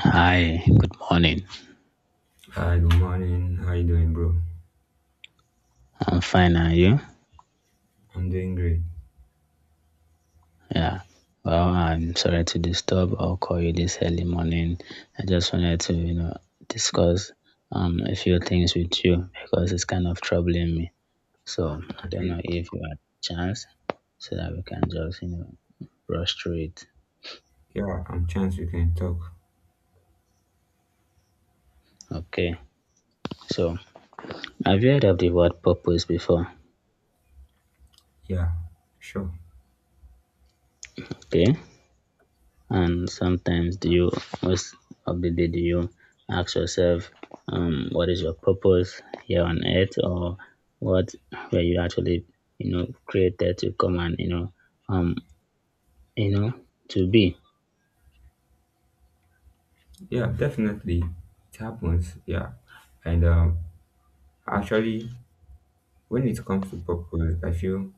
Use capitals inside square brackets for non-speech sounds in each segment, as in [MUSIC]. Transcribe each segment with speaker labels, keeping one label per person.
Speaker 1: Hi, good morning.
Speaker 2: Hi, good morning. How you doing, bro?
Speaker 1: I'm fine, are you?
Speaker 2: I'm doing great.
Speaker 1: Yeah. Well, I'm sorry to disturb or call you this early morning. I just wanted to, discuss a few things with you because it's kind of troubling me. So I don't
Speaker 2: Okay.
Speaker 1: know if you have chance so that we can just, brush through it.
Speaker 2: Yeah, I'm chance we can talk.
Speaker 1: Okay. So have you heard of the word purpose before?
Speaker 2: Yeah, sure.
Speaker 1: Okay. And sometimes do you most of the day do you ask yourself what is your purpose here on earth, or what were you actually created to come and um you know to be.
Speaker 2: Yeah, definitely. It happens. Yeah. And actually, when it comes to purpose, I feel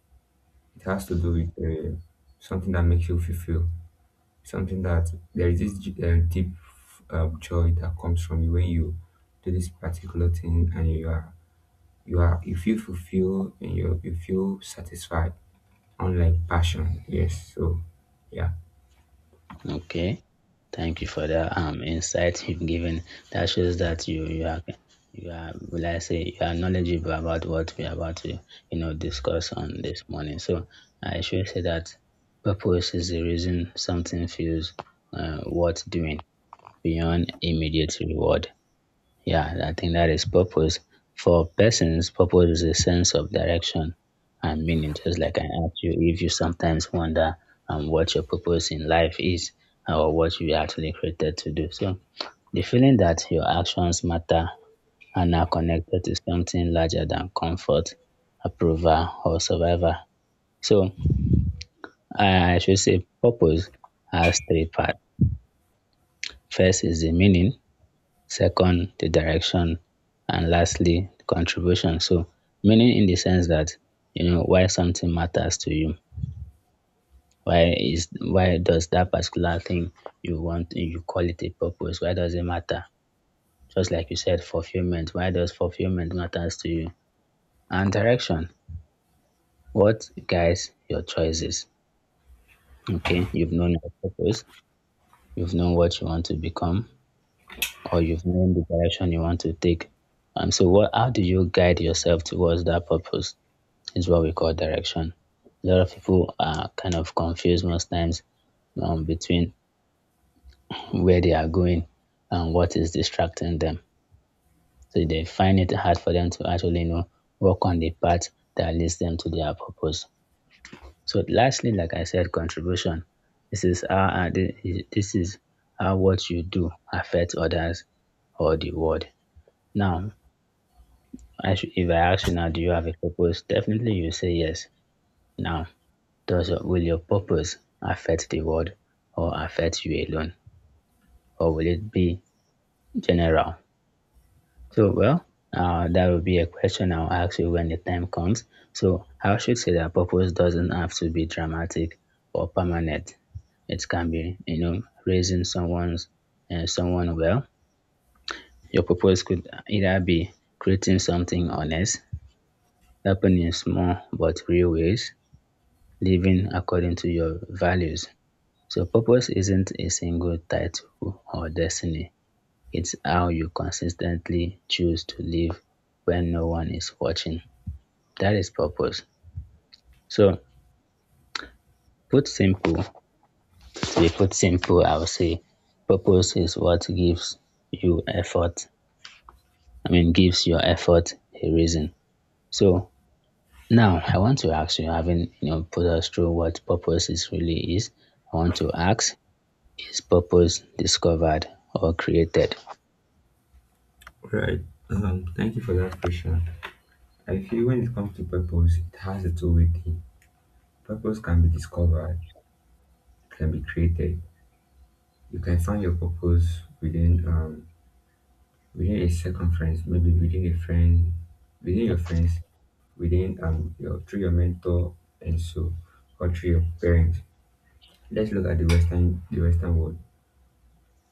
Speaker 2: it has to do with something that makes you fulfill. Something that there is this deep joy that comes from you when you do this particular thing and you are you are you feel fulfilled and you feel satisfied. Unlike passion, yes. So, yeah,
Speaker 1: Okay. Thank you for that insight you've given. That shows that you are will, I say, you are knowledgeable about what we are about to discuss on this morning. So I should say that purpose is the reason something feels worth doing beyond immediate reward. Yeah, I think that is purpose. For persons, purpose is a sense of direction and meaning. Just like I asked you, if you sometimes wonder what your purpose in life is, or what you were actually created to do. So the feeling that your actions matter and are connected to something larger than comfort, approval, or survival. So I should say purpose has three parts. First is the meaning, second the direction, and lastly the contribution. So, meaning in the sense that why something matters to you. Why does that particular thing you want, you call it a purpose, why does it matter? Just like you said, fulfillment, why does fulfillment matters to you? And direction, what guides your choices? Okay, you've known your purpose, you've known what you want to become, or you've known the direction you want to take. And so what, how do you guide yourself towards that purpose, is what we call direction. A lot of people are kind of confused most times, between where they are going and what is distracting them. So they find it hard for them to actually know, walk on the path that leads them to their purpose. So lastly, like I said, contribution. This is how this is what you do affects others or the world. Now, I should, if I ask you now, do you have a purpose? Definitely, you say yes. Now, does your will your purpose affect the world, or affect you alone? Or will it be general? So, well, that will be a question I'll ask you when the time comes. So I should say that purpose doesn't have to be dramatic or permanent. It can be, raising someone's, someone well. Your purpose could either be creating something honest, helping in small but real ways, living according to your values. So purpose isn't a single title or destiny. It's how you consistently choose to live when no one is watching. That is purpose. So, put simple, to be put simple, I would say purpose is what gives you effort. I mean, gives your effort a reason. So now I want to ask you, having put us through what purpose is really is, I want to ask, is purpose discovered or created?
Speaker 2: right. Thank you for that question. I feel when it comes to purpose, it has its own way. Thing. Purpose can be discovered, it can be created. You can find your purpose within within a circumference, maybe within a friend, within your friends, within your through your mentor and so or through your parents. Let's look at the Western world.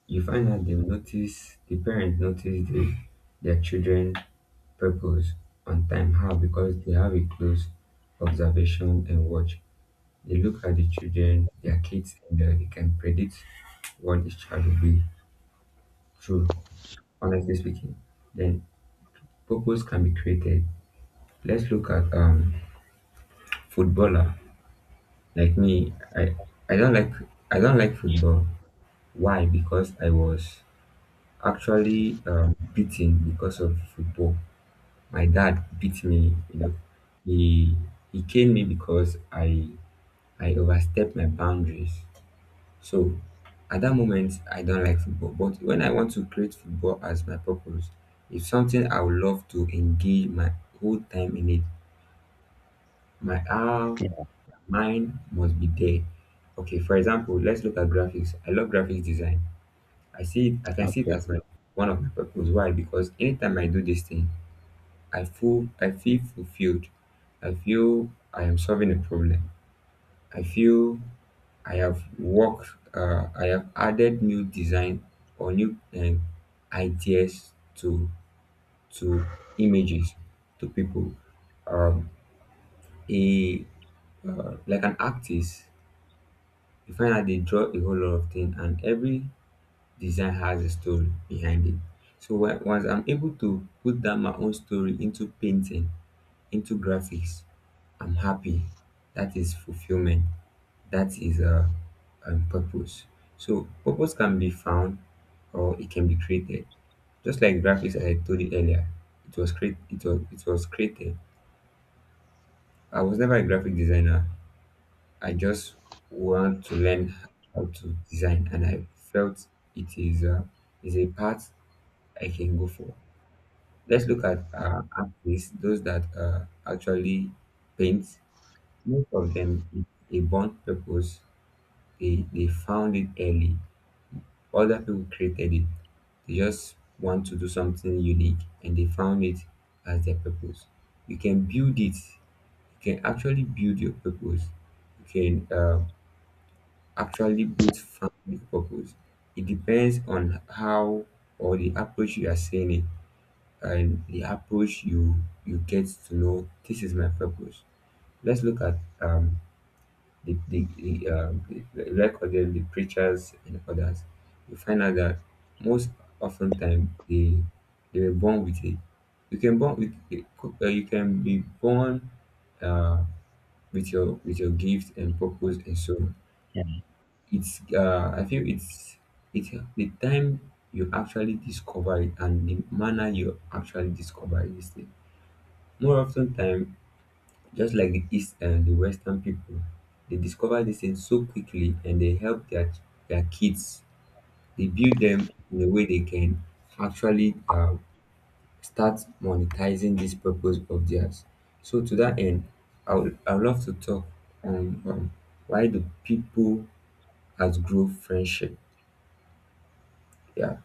Speaker 2: You find out they notice the parents notice the their children purpose and time how because they have a close observation and watch. They look at the children, their kids, and they can predict what this child will be through, honestly speaking. Then purpose can be created. Let's look at footballer. Like me, I don't like I don't like football. Why? Because I was actually beaten because of football. My dad beat me, you know. He he came me because I overstep my boundaries. So at that moment, I don't like football. But when I want to create football as my purpose, it's something I would love to engage my whole time in it. My heart,
Speaker 1: Yeah.
Speaker 2: mind must be there. Okay, for example, let's look at graphics. I love graphics design. I see it, I can see it
Speaker 1: Okay.
Speaker 2: as my one of my purpose. Why? Because anytime I do this thing, I feel fulfilled. I feel I am solving a problem. I feel I have worked, I have added new design or new ideas to to images to people. Um, a Like an artist, you find out they draw a whole lot of things, and every design has a story behind it. So when, once I'm able to put down my own story into painting, into graphics, I'm happy. That is fulfillment. That is a purpose. So purpose can be found or it can be created, just like graphics. As I told you earlier, it was created. I was never a graphic designer. I just want to learn how to design, and I felt it is is a path I can go for. Let's look at artists, those that actually paint. Most of them, if a born purpose, they found it early. Other people created it. They just want to do something unique and they found it as their purpose. You can build it. You can actually build your purpose. You can actually both find your purpose. It depends on how or the approach you are saying it and the approach you get to know this is my purpose. Let's look at the, the, the, um, recorded the preachers and others. You find out that most often time they were born with it. You can born with you can be born uh, with your gift and purpose and so on.
Speaker 1: Yeah.
Speaker 2: It's I feel it's the time you actually discover it and the manner you actually discover this thing. More often time, just like the East and the Western people, they discover these things so quickly and they help their kids. They build them in a way they can actually start monetizing this purpose of theirs. So, to that end, I would love to talk on why do people has grow friendship? Yeah,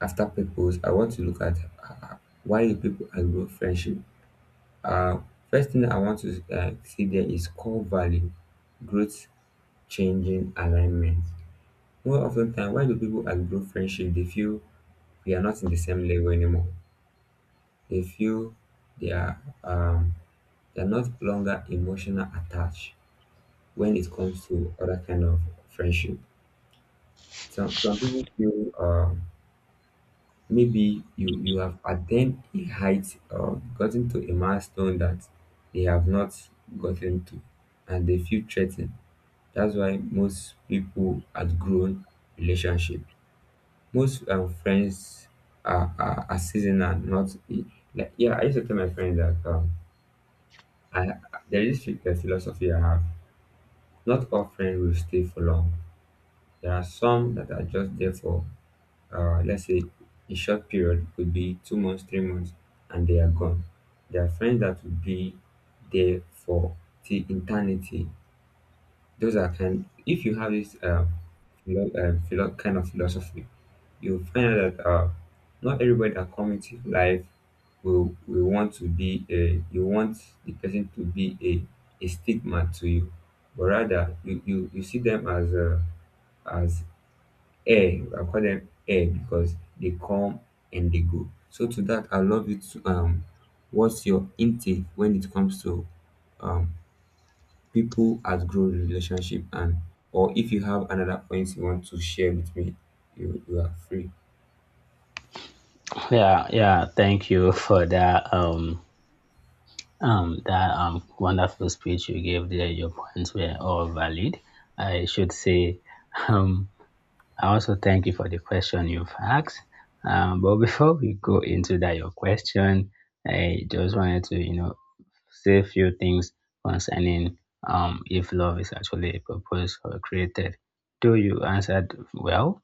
Speaker 2: after purpose, I want to look at uh, why do people has grow friendship. Uh, First thing I want to see there is core value growth changing alignment. More often than why do people outgrow friendship? They feel we are not in the same level anymore. They feel they are um they are not longer emotional attached when it comes to other kind of friendship. Some people feel maybe you have attained a height or gotten to a milestone that they have not gotten to, and they feel threatened. That's why most people outgrown relationship. Most friends are, are seasonal, not e, like yeah. I used to tell my friends that I there is this a philosophy I have. Not all friends will stay for long. There are some that are just there for let's say a short period, could be 2 months, 3 months, and they are gone. There are friends that will be there for the eternity. Those are kind. If you have this kind of philosophy, you'll find out that not everybody that comes into life will want to be a. You want the person to be a stigma to you, but rather you see them as a as air. I call them air because they come and they go. So to that, I love you. To, what's your intake when it comes to um people outgrow relationship, and or if you have another point you want to share with me, you are free.
Speaker 1: Yeah, yeah. Thank you for that. That wonderful speech you gave there. Your points were all valid, I should say. Um, I also thank you for the question you've asked. But before we go into that, your question, I just wanted to, say a few things concerning if love is actually a purpose or created. Though you answered well,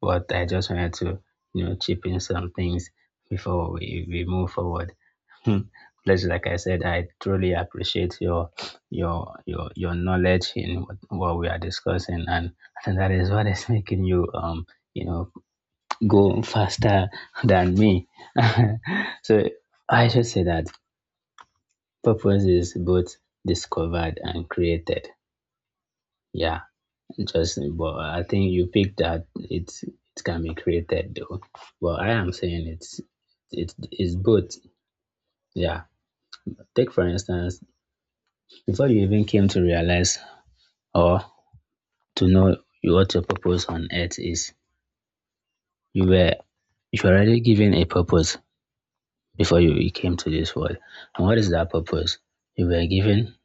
Speaker 1: but I just wanted to, chip in some things before we move forward. [LAUGHS] Please, like I said, I truly appreciate your knowledge in what we are discussing, and I think that is what is [LAUGHS] making you, you know, go faster than me. [LAUGHS] So I should say that purpose is both discovered and created. Yeah. Justin, but I think you picked that it can be created though. But I am saying it is both. Yeah. Take for instance, before you even came to realize, or to know what your purpose on earth is, you were you were already given a purpose before you came to this world. And what is that purpose? You were given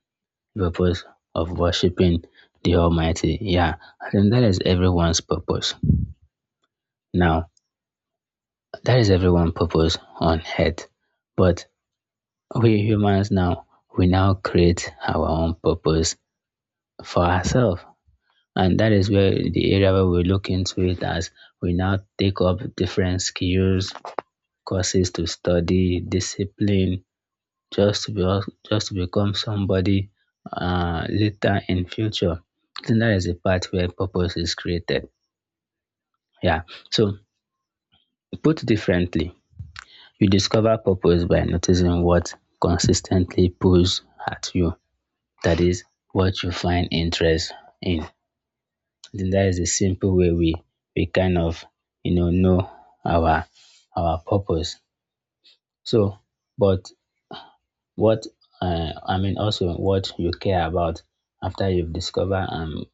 Speaker 1: the purpose of worshiping the Almighty. Yeah. I think that is everyone's purpose. Now, that is everyone's purpose on earth. But we humans now, we now create our own purpose for ourselves. And that is where, the area where we look into it, as we now take up different skills, courses to study, discipline, just to be, just to become somebody, later in future. I think that is the part where purpose is created. Yeah. So, put differently, you discover purpose by noticing what consistently pulls at you, that is, what you find interest in. I think that is a simple way we kind of, know our, our purpose. So, but what, I mean, also what you care about after you've discovered,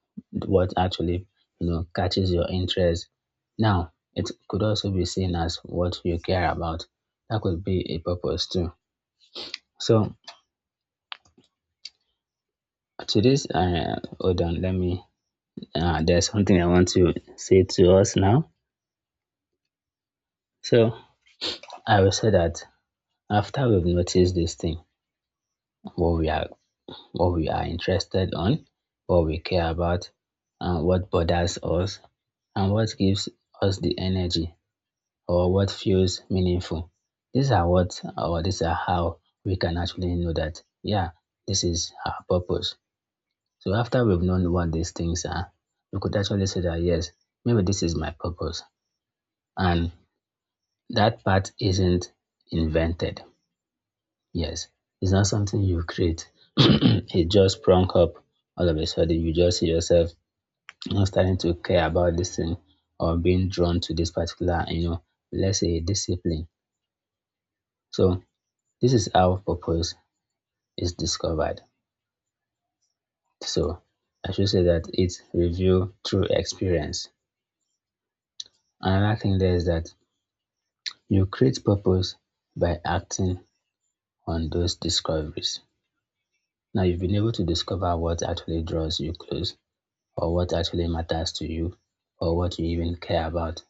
Speaker 1: what actually, catches your interest. Now, it could also be seen as what you care about. That could be a purpose too. So, to this hold on, let me there's something I want to say to us now. So I will say that after we've noticed this thing, what we are what we are interested on, what we care about, and what bothers us, and what gives us the energy, or what feels meaningful, these are how we can actually know that, yeah, this is our purpose. So after we've known what these things are, we could actually say that yes, maybe this is my purpose. And that part isn't invented. Yes. It's not something you create. [CLEARS THROAT] It just sprung up all of a sudden. You just see yourself, starting to care about this thing, or being drawn to this particular, let's say, discipline. So this is how purpose is discovered. So I should say that it's revealed through experience. Another thing there is that you create purpose by acting on those discoveries. Now you've been able to discover what actually draws you close, or what actually matters to you, or what you even care about,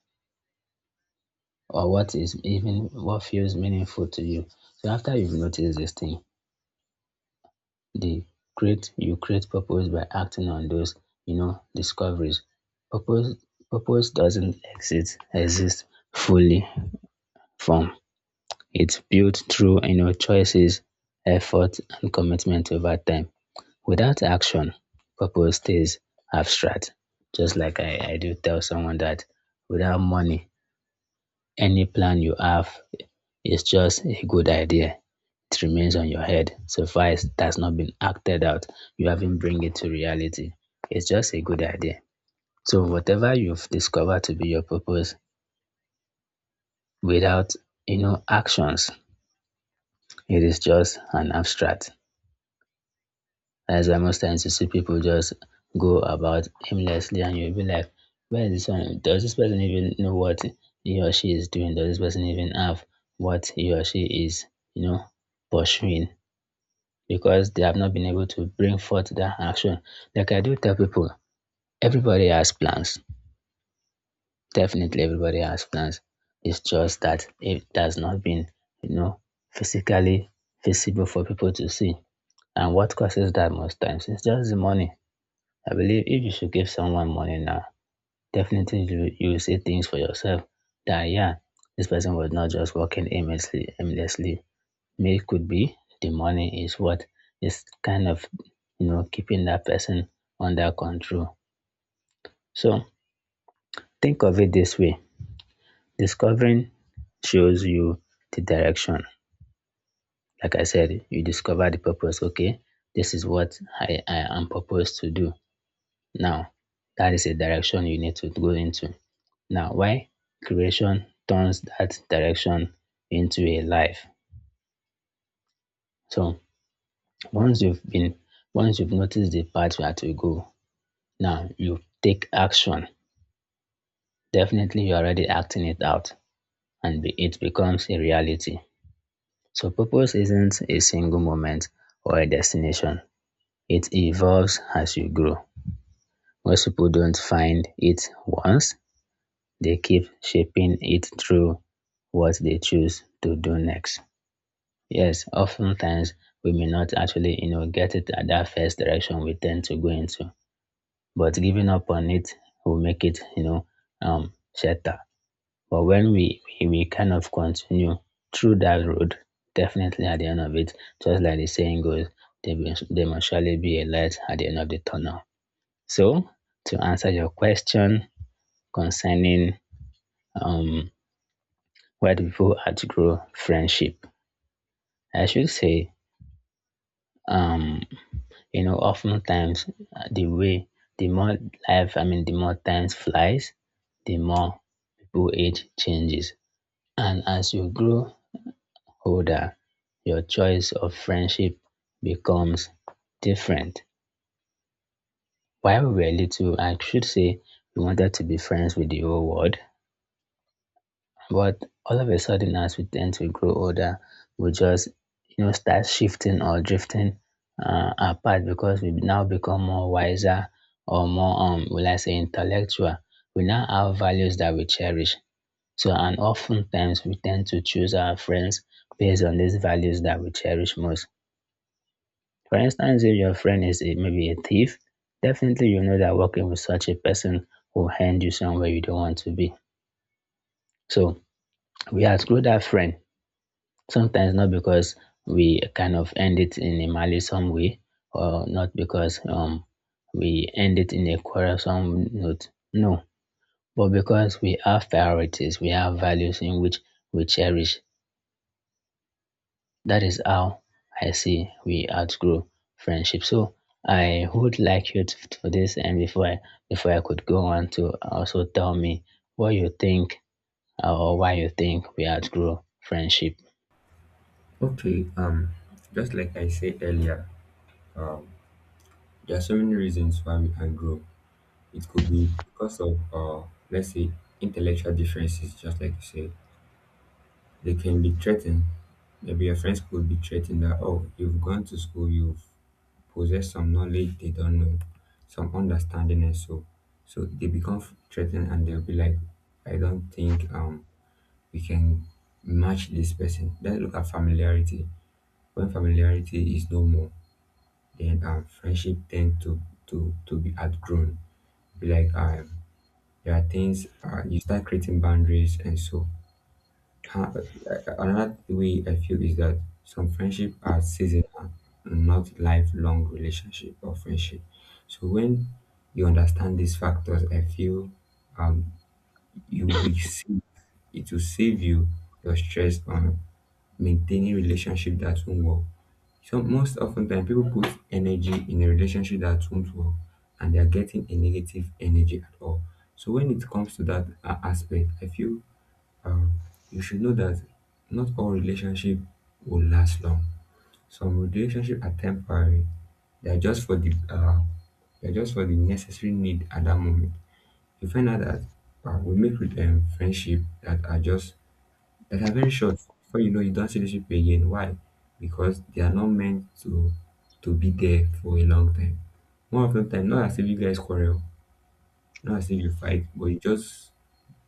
Speaker 1: or what is even what feels meaningful to you. So after you've noticed this thing, the create you create purpose by acting on those, discoveries. Purpose purpose doesn't exist fully formed. It's built through, choices, effort, and commitment over time. Without action, purpose stays abstract. Just like I do tell someone that without money, any plan you have is just a good idea. It remains on your head. So far as it has not been acted out, you haven't bring it to reality. It's just a good idea. So whatever you've discovered to be your purpose, without actions, it is just an abstract. That's why most times you see people just go about aimlessly, and you'll be like, where is this one? Does this person even know what he or she is doing? Does this person even have what he or she is, you know, pursuing? Because they have not been able to bring forth that action. Like I do tell people, everybody has plans. Definitely everybody has plans. It's just that it has not been, you know, physically visible for people to see. And what causes that most times? It's just the money. I believe if you should give someone money now, definitely you will see things for yourself that, yeah, this person was not just working aimlessly. Maybe it could be the money is what is kind of, keeping that person under control. So think of it this way. Discovering shows you the direction. Like I said, you discover the purpose. Okay, this is what I am purposed to do. Now, that is a direction you need to go into. Now, why creation turns that direction into a life. So once you've been, once you've noticed the path where to go, now you take action. Definitely, you're already acting it out, and it becomes a reality. So purpose isn't a single moment or a destination. It evolves as you grow. Most people don't find it once, they keep shaping it through what they choose to do next. Yes, oftentimes we may not actually, get it at that first direction we tend to go into, but giving up on it will make it, shatter. But when we kind of continue through that road, definitely at the end of it, just like the saying goes, there must surely be a light at the end of the tunnel. So, to answer your question concerning um, where do people outgrow friendship? I should say, um, oftentimes uh, the way the more life, I mean, the more time flies, the more people age changes, and as you grow older, your choice of friendship becomes different. While we were little, I should say we wanted to be friends with the whole world. But all of a sudden, as we tend to grow older, we just start shifting or drifting apart because we now become more wiser or more will I say intellectual. We now have values that we cherish. So and oftentimes we tend to choose our friends based on these values that we cherish most. For instance, if your friend is a, maybe a thief, definitely you know that working with such a person will hand you somewhere you don't want to be. So we outgrow that friend sometimes not because we kind of end it in a malicious way or not because we end it in a quarrelsome note. No, but because we have priorities, we have values in which we cherish. That is how I see we outgrow friendship. So I would like you to, for this, and before I could go on to also tell me what you think or why you think we outgrow friendship.
Speaker 2: Okay, um, just like I said earlier, there are so many reasons why we can grow. It could be because of let's say intellectual differences, just like you said. They can be threatened. Maybe your friends could be threatened that, oh, you've gone to school, you've possessed some knowledge they don't know, some understanding, and so so they become threatened and they'll be like, I don't think we can match this person. Let's look at familiarity. When familiarity is no more, then friendship tend to be outgrown. Be like, there are things, you start creating boundaries, and so another way I feel is that some friendship are seasonal, not lifelong relationship or friendship. So when you understand these factors, I feel you will be safe. It will save you your stress on maintaining relationship that won't work. So most often time people put energy in a relationship that won't work and they're getting a negative energy at all. So when it comes to that aspect, I feel um, you should know that not all relationship will last long. Some relationship are temporary. They're just for the necessary need at that moment. You find out that we make friendship that are very short. Before you know, you don't see these people again. Why? Because they are not meant to be there for a long time. More often than time, not as if you guys quarrel, not as if you fight, but you just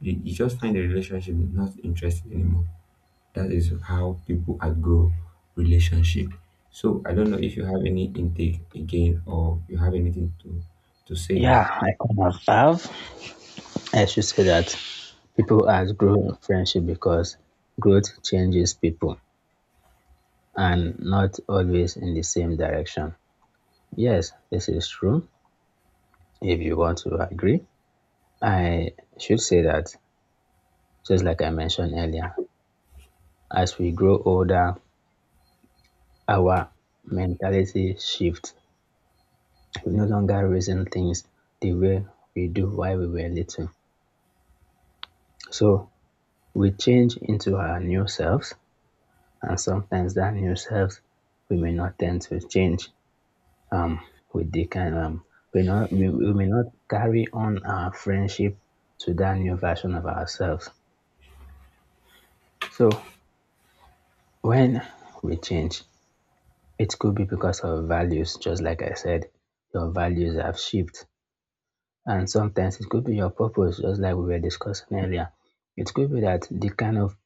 Speaker 2: you you just find the relationship not interesting anymore. That is how people outgrow relationship. So I don't know if you have any intake again or you have anything to say.
Speaker 1: Yeah, I kind of have. I should say that people has grown friendship because growth changes people and not always in the same direction. Yes, this is true. If you want to agree, I should say that just like I mentioned earlier, as we grow older, our mentality shifts. We no longer reason things the way we do while we were little. So we change into our new selves, and sometimes that new selves we may not tend to change um with the kind we not we, we may not carry on our friendship to that new version of ourselves. So when we change, it could be because of values, just like I said, your values have shifted. And sometimes it could be your purpose, just like we were discussing earlier. It could be that the kind of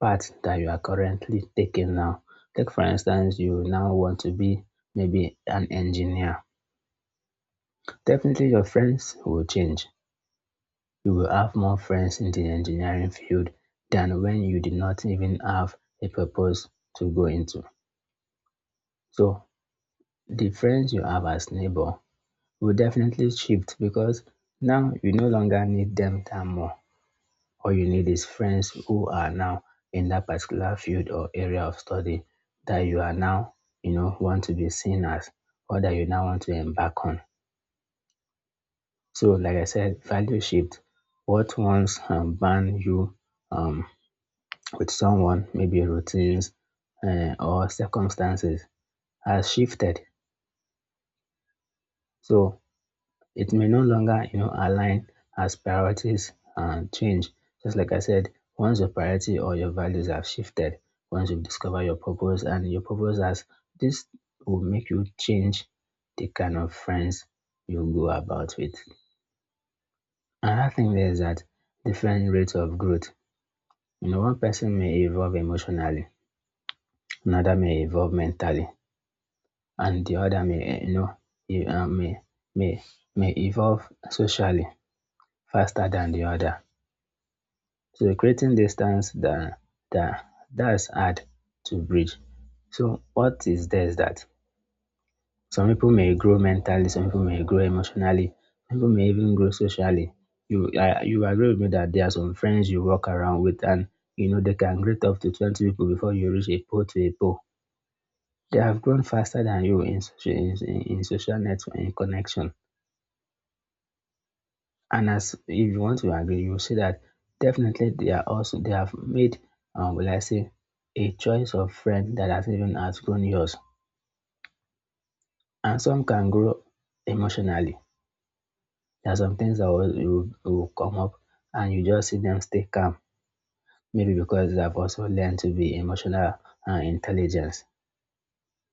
Speaker 1: path that you are currently taking now. Take for instance, you now want to be maybe an engineer. Definitely your friends will change. You will have more friends in the engineering field than when you did not even have a purpose to go into. So the friends you have as neighbor will definitely shift because now you no longer need them that more. All you need is friends who are now in that particular field or area of study that you are now, you know, want to be seen as or that you now want to embark on. So like I said, value shift. What once banned you um, with someone, maybe routines or circumstances has shifted. So it may no longer, you know, align as priorities change. Just like I said, once your priority or your values have shifted, once you've discovered your purpose and your purpose has, this will make you change the kind of friends you go about with. Another thing there is that different rates of growth. You know, one person may evolve emotionally, another may evolve mentally, and the other may uh, may may may evolve socially faster than the other. So creating distance that that's hard to bridge. So what is there is that some people may grow mentally, some people may grow emotionally, some people may even grow socially. You agree with me that there are some friends you walk around with and you know they can greet up to twenty people before you reach a pole to a pole. They have grown faster than you in in social network in connection. And as if you want to agree, you see that definitely they are also they have made will I say a choice of friend that has even outgrown yours. And some can grow emotionally. There are some things that will come up and you just see them stay calm. Maybe because they have also learned to be emotional and intelligent.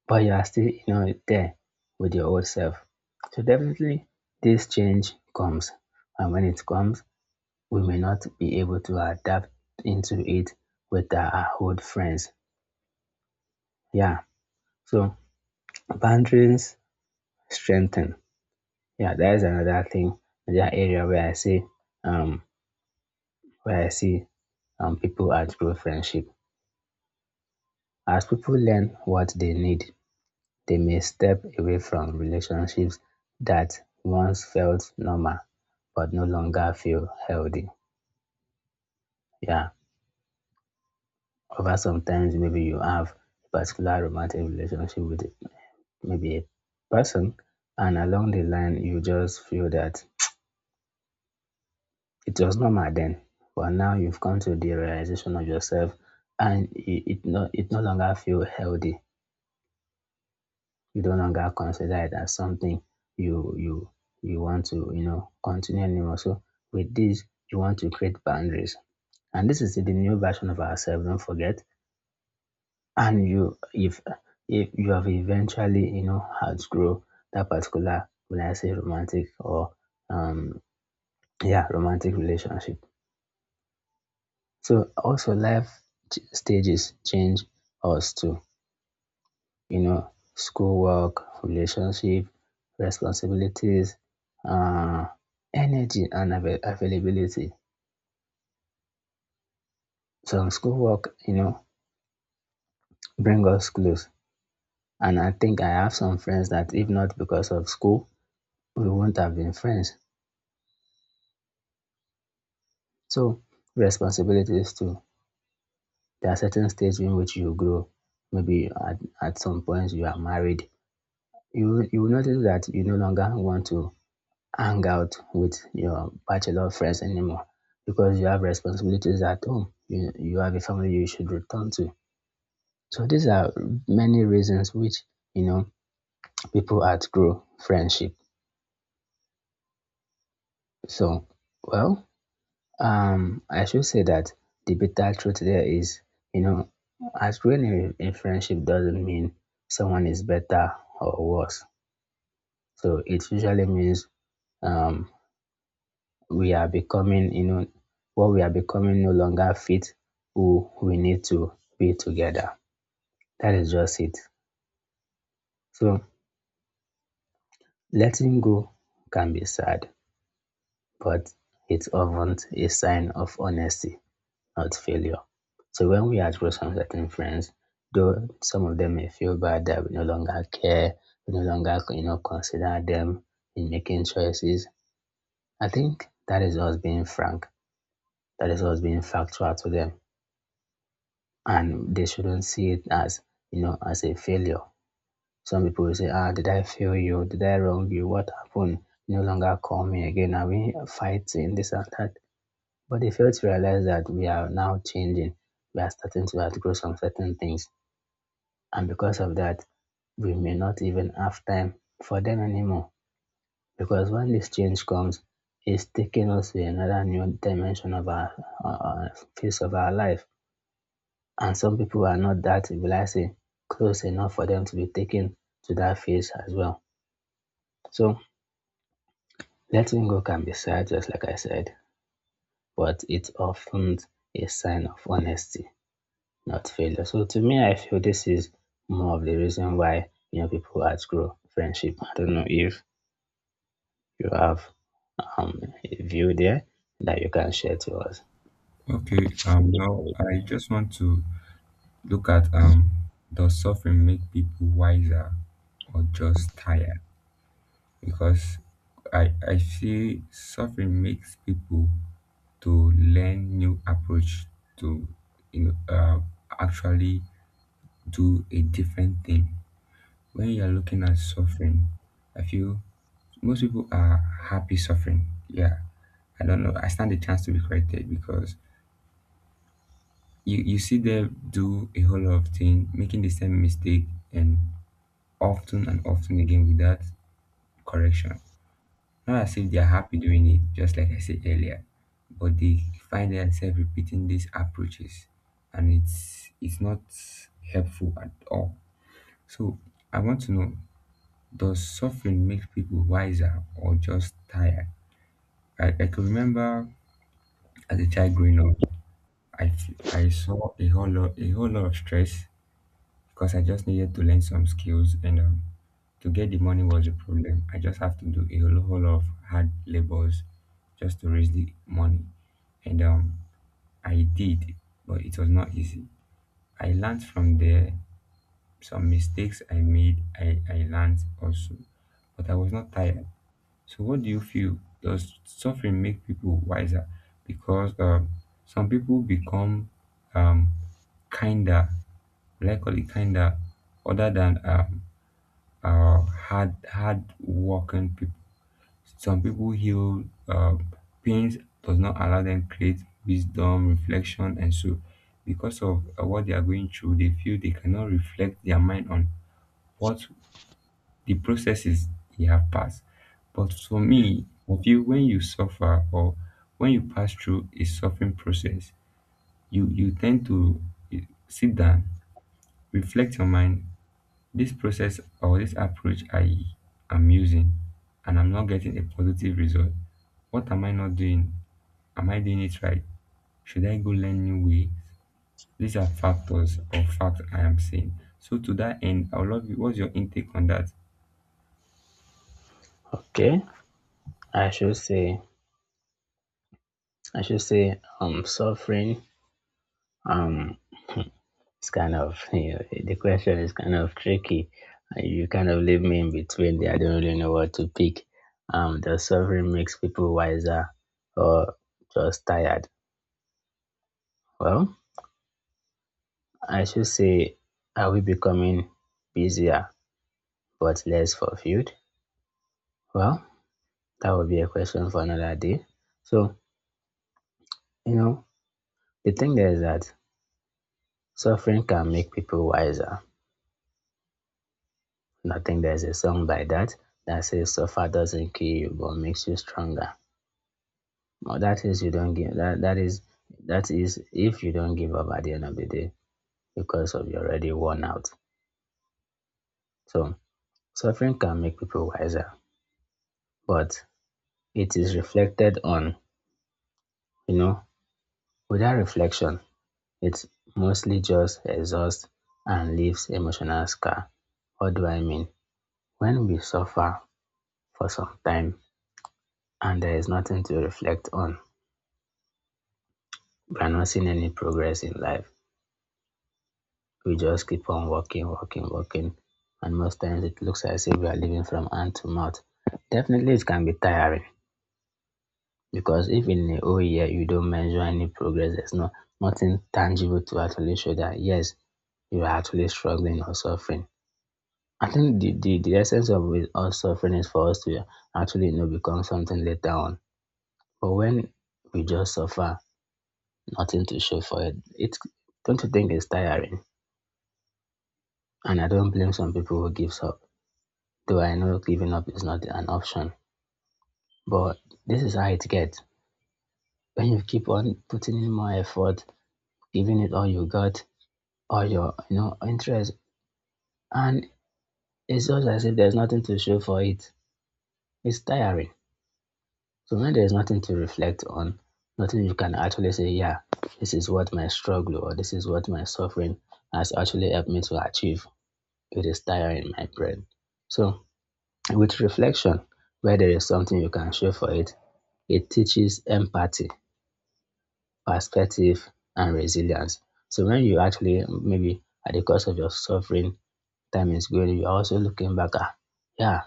Speaker 1: But you are still, you know, there with your old self. So definitely this change comes. And when it comes, we may not be able to adapt into it with our old friends. Yeah. So boundaries strengthen. Yeah, that is another thing. Another area um where I see people outgrow friendship. As people learn what they need, they may step away from relationships that once felt normal but no longer feel healthy. Yeah. Over sometimes maybe you have a particular romantic relationship with maybe a person and along the line you just feel that it was normal then but now you've come to the realization of yourself and it no longer feel healthy, you no longer consider it as something you you you want to, you know, continue anymore. So with this you want to create boundaries, and this is the new version of ourselves, don't forget. And you, if you have eventually, you know, outgrow that particular, will I say, romantic or um yeah, romantic relationship. So also life stages change us too, you know. Schoolwork, relationship, responsibilities, uh energy, and availability. Some schoolwork, you know, bring us close, and I think I have some friends that if not because of school we wouldn't have been friends. So responsibilities too. There are certain stages in which you grow. Maybe at some point you are married. You will notice that you no longer want to hang out with your bachelor friends anymore because you have responsibilities at home. You have a family you should return to. So these are many reasons which, you know, people outgrow friendship. So well, I should say that the bitter truth there is, you know, outgrowing in friendship doesn't mean someone is better or worse. So it usually means um, we are becoming, you know, what we are becoming no longer fit who we need to be together. That is just it. So letting go can be sad, but it's often a sign of honesty, not failure. So when we act with some certain friends, though some of them may feel bad that we no longer care, we no longer, you know, consider them in making choices. I think that is us being frank. That is us being factual to them, and they shouldn't see it as, you know, as a failure. Some people will say, "Ah, did I fail you? Did I wrong you? What happened? No longer call me again. Are we fighting this and that?" But they fail to realize that we are now changing. We are starting to outgrow some certain things. And because of that, we may not even have time for them anymore. Because when this change comes, it's taking us to another new dimension of our uh, phase of our life. And some people are not that, will I say, close enough for them to be taken to that phase as well. So letting go can be sad, just like I said, but it's often a sign of honesty, not failure. So to me, I feel this is more of the reason why, you know, people outgrow friendship. I don't know if you have a view there that you can share to us.
Speaker 2: Okay, now I just want to look at, does suffering make people wiser or just tired? Because I see suffering makes people to learn new approach to you know actually do a different thing. When you are looking at suffering, I feel most people are happy suffering. Yeah, I don't know. I stand a chance to be corrected because you see them do a whole lot of things, making the same mistake, and and often again without correction. Not as if they are happy doing it, just like I said earlier, but they find themselves repeating these approaches, and it's not helpful at all. So I want to know, does suffering make people wiser or just tired? I can remember as a child growing up, I saw a whole lot of stress because I just needed to learn some skills, and to get the money was a problem. I just have to do a whole lot of hard labors just to raise the money. And I did, but it was not easy. I learned from there. Some mistakes I made, I learned also, but I was not tired. So, what do you feel? Does suffering make people wiser? Because some people become um, kinder, will I call it kinder, other than hard work people. Some people heal, pains does not allow them create wisdom reflection, and so because of what they are going through, they feel they cannot reflect their mind on what the processes they have passed. But for me, I feel when you suffer or when you pass through a suffering process, you tend to eh, sit down, reflect your mind. This process or this approach I am using, and I'm not getting a positive result, what am I not doing? Am I doing it right? Should I go learn new ways? These are factors or facts I am saying. So to that end, I would love you. What's your intake on that?
Speaker 1: Okay, I should say, I should say, suffering, um, it's kind of, you know, the question is kind of tricky. You kind of leave me in between there. I don't really know what to pick. Does suffering makes people wiser or just tired? Well, I should say, are we becoming busier but less fulfilled? Well, that would be a question for another day. So, you know, the thing there is that suffering can make people wiser. And I think there's a song by that that says suffer doesn't kill you but makes you stronger. Well, that is, you don't give, that is if you don't give up at the end of the day because of you're already worn out. So suffering can make people wiser, but it is reflected on, you know. Without reflection, it's mostly just exhaust and leaves emotional scar. What do I mean? When we suffer for some time, and there is nothing to reflect on. We are not seeing any progress in life. We just keep on walking, walking, walking, and most times it looks as if we are living from hand to mouth. Definitely, it can be tiring because if in a whole year you don't measure any progress, there's no nothing tangible to actually show that yes, you are actually struggling or suffering. I think the essence of with us suffering is for us to actually become something later on. But when we just suffer nothing to show for it. It's Don't you think it's tiring? And I don't blame some people who gives up. Though I know giving up is not an option. But this is how it gets. When you keep on putting in more effort, giving it all you got, all your interest, and it's just as if there's nothing to show for it. It's tiring. So when there's nothing to reflect on, nothing you can actually say, yeah, this is what my struggle or this is what my suffering has actually helped me to achieve. It is tiring, my brain. So with reflection, where there is something you can show for it, it teaches empathy, perspective, and resilience. So when you actually maybe at the cost of your suffering, time is going, you're also looking back at, yeah,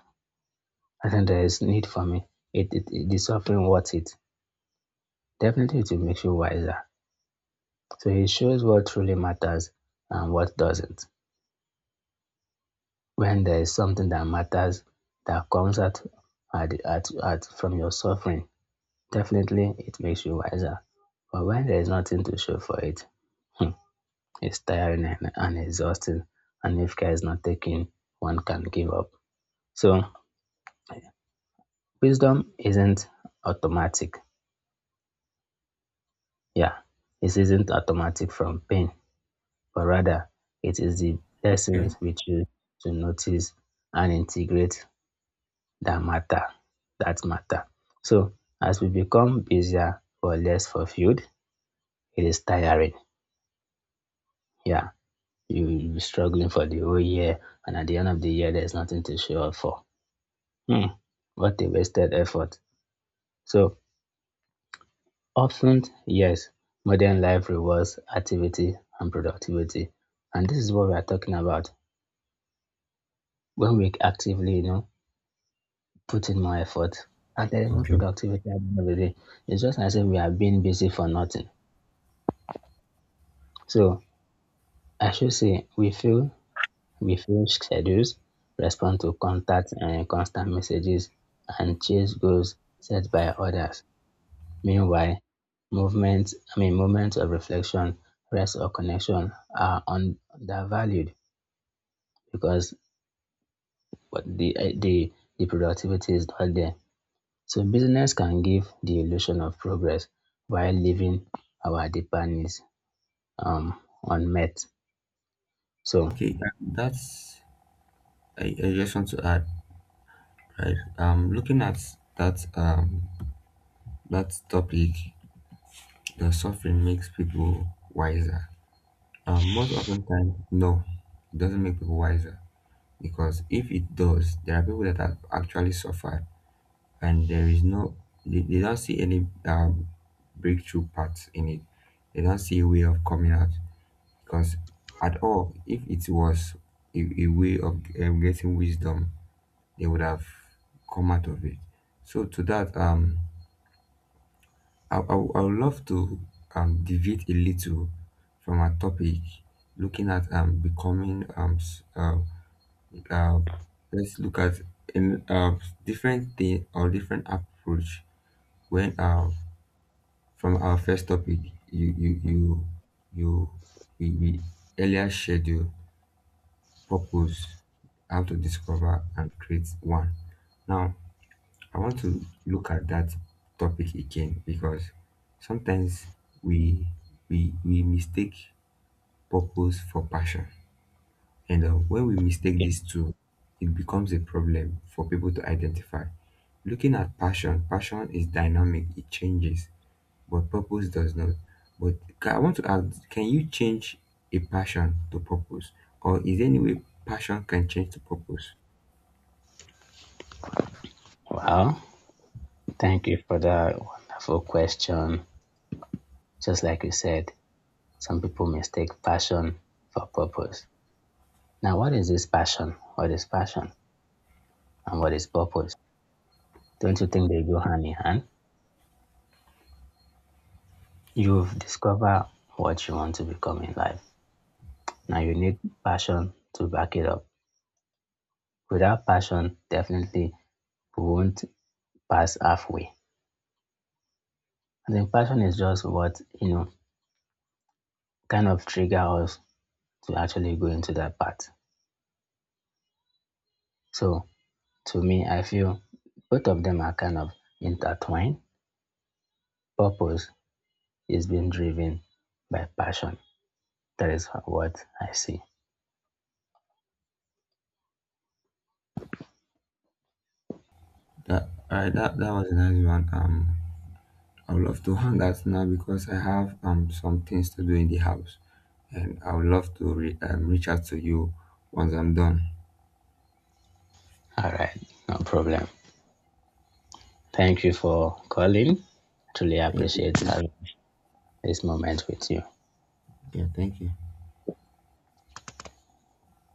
Speaker 1: I think there is need for me. The suffering worth it. Definitely it will make you wiser. So it shows what truly matters and what doesn't. When there is something that matters that comes at from your suffering, definitely, it makes you wiser. But when there is nothing to show for it, hmm, it's tiring and exhausting. And if care is not taken, one can give up. So, wisdom isn't automatic. Yeah, it isn't automatic from pain, but rather it is the
Speaker 2: Okay,
Speaker 1: lessons we choose to notice and integrate that matter. That matter. So, as we become busier or less fulfilled, it is tiring. Yeah, you'll be struggling for the whole year, and at the end of the year, there's nothing to show up for. Hmm, what a wasted effort. So often, yes, modern life rewards activity and productivity. And this is what we are talking about. When we actively, put in more effort, and there is no
Speaker 2: okay.
Speaker 1: productivity at the end of the day. It's just as if we are being busy for nothing. So I should say we feel refuse schedules, respond to contact and constant messages, and chase goals set by others. Meanwhile, moments of reflection, rest, or connection are undervalued because what the, eh, the productivity is not there. So, business can give the illusion of progress while leaving our deeper needs unmet. So,
Speaker 2: That's, I just want to add, right? Looking at that um that topic, the suffering makes people wiser. Most often time, no, it doesn't make people wiser. Because if it does, there are people that have actually suffered, and there is no, they don't see any breakthrough paths in it. They don't see a way of coming out because at all, if it was a way of getting wisdom, they would have come out of it. So to that, um, would- I would love to deviate a little from our topic, looking at becoming uh, let's look at um, uh, different thing or different approach. When from our first topic, you you you you we earlier shared your purpose, how to discover and create one. Now I want to look at that topic again, because sometimes we we mistake purpose for passion. And know, when we mistake
Speaker 1: okay.
Speaker 2: these two, it becomes a problem for people to identify. Looking at passion, passion is dynamic, it changes, but purpose does not. But I want to ask, can you change a passion to purpose? Or is there any way passion can change to purpose?
Speaker 1: Wow, thank you for that wonderful question. Just like you said, some people mistake passion for purpose. Now, what is this passion? What is passion? And what is purpose? Don't you think they go hand in hand? You've discovered what you want to become in life. Now, you need passion to back it up. Without passion, definitely we won't pass halfway. I think passion is just what, kind of trigger us to actually go into that path. So, to me, I feel both of them are kind of intertwined. Purpose is being driven by passion. That is what I see.
Speaker 2: That all right, that was a nice one. I would love to hang out now because I have some things to do in the house, and I would love to reach out to you once I'm done.
Speaker 1: All right, no problem. Thank you for calling. I truly
Speaker 2: Thank
Speaker 1: appreciate
Speaker 2: you.
Speaker 1: having this moment with you.
Speaker 2: Yeah, thank you.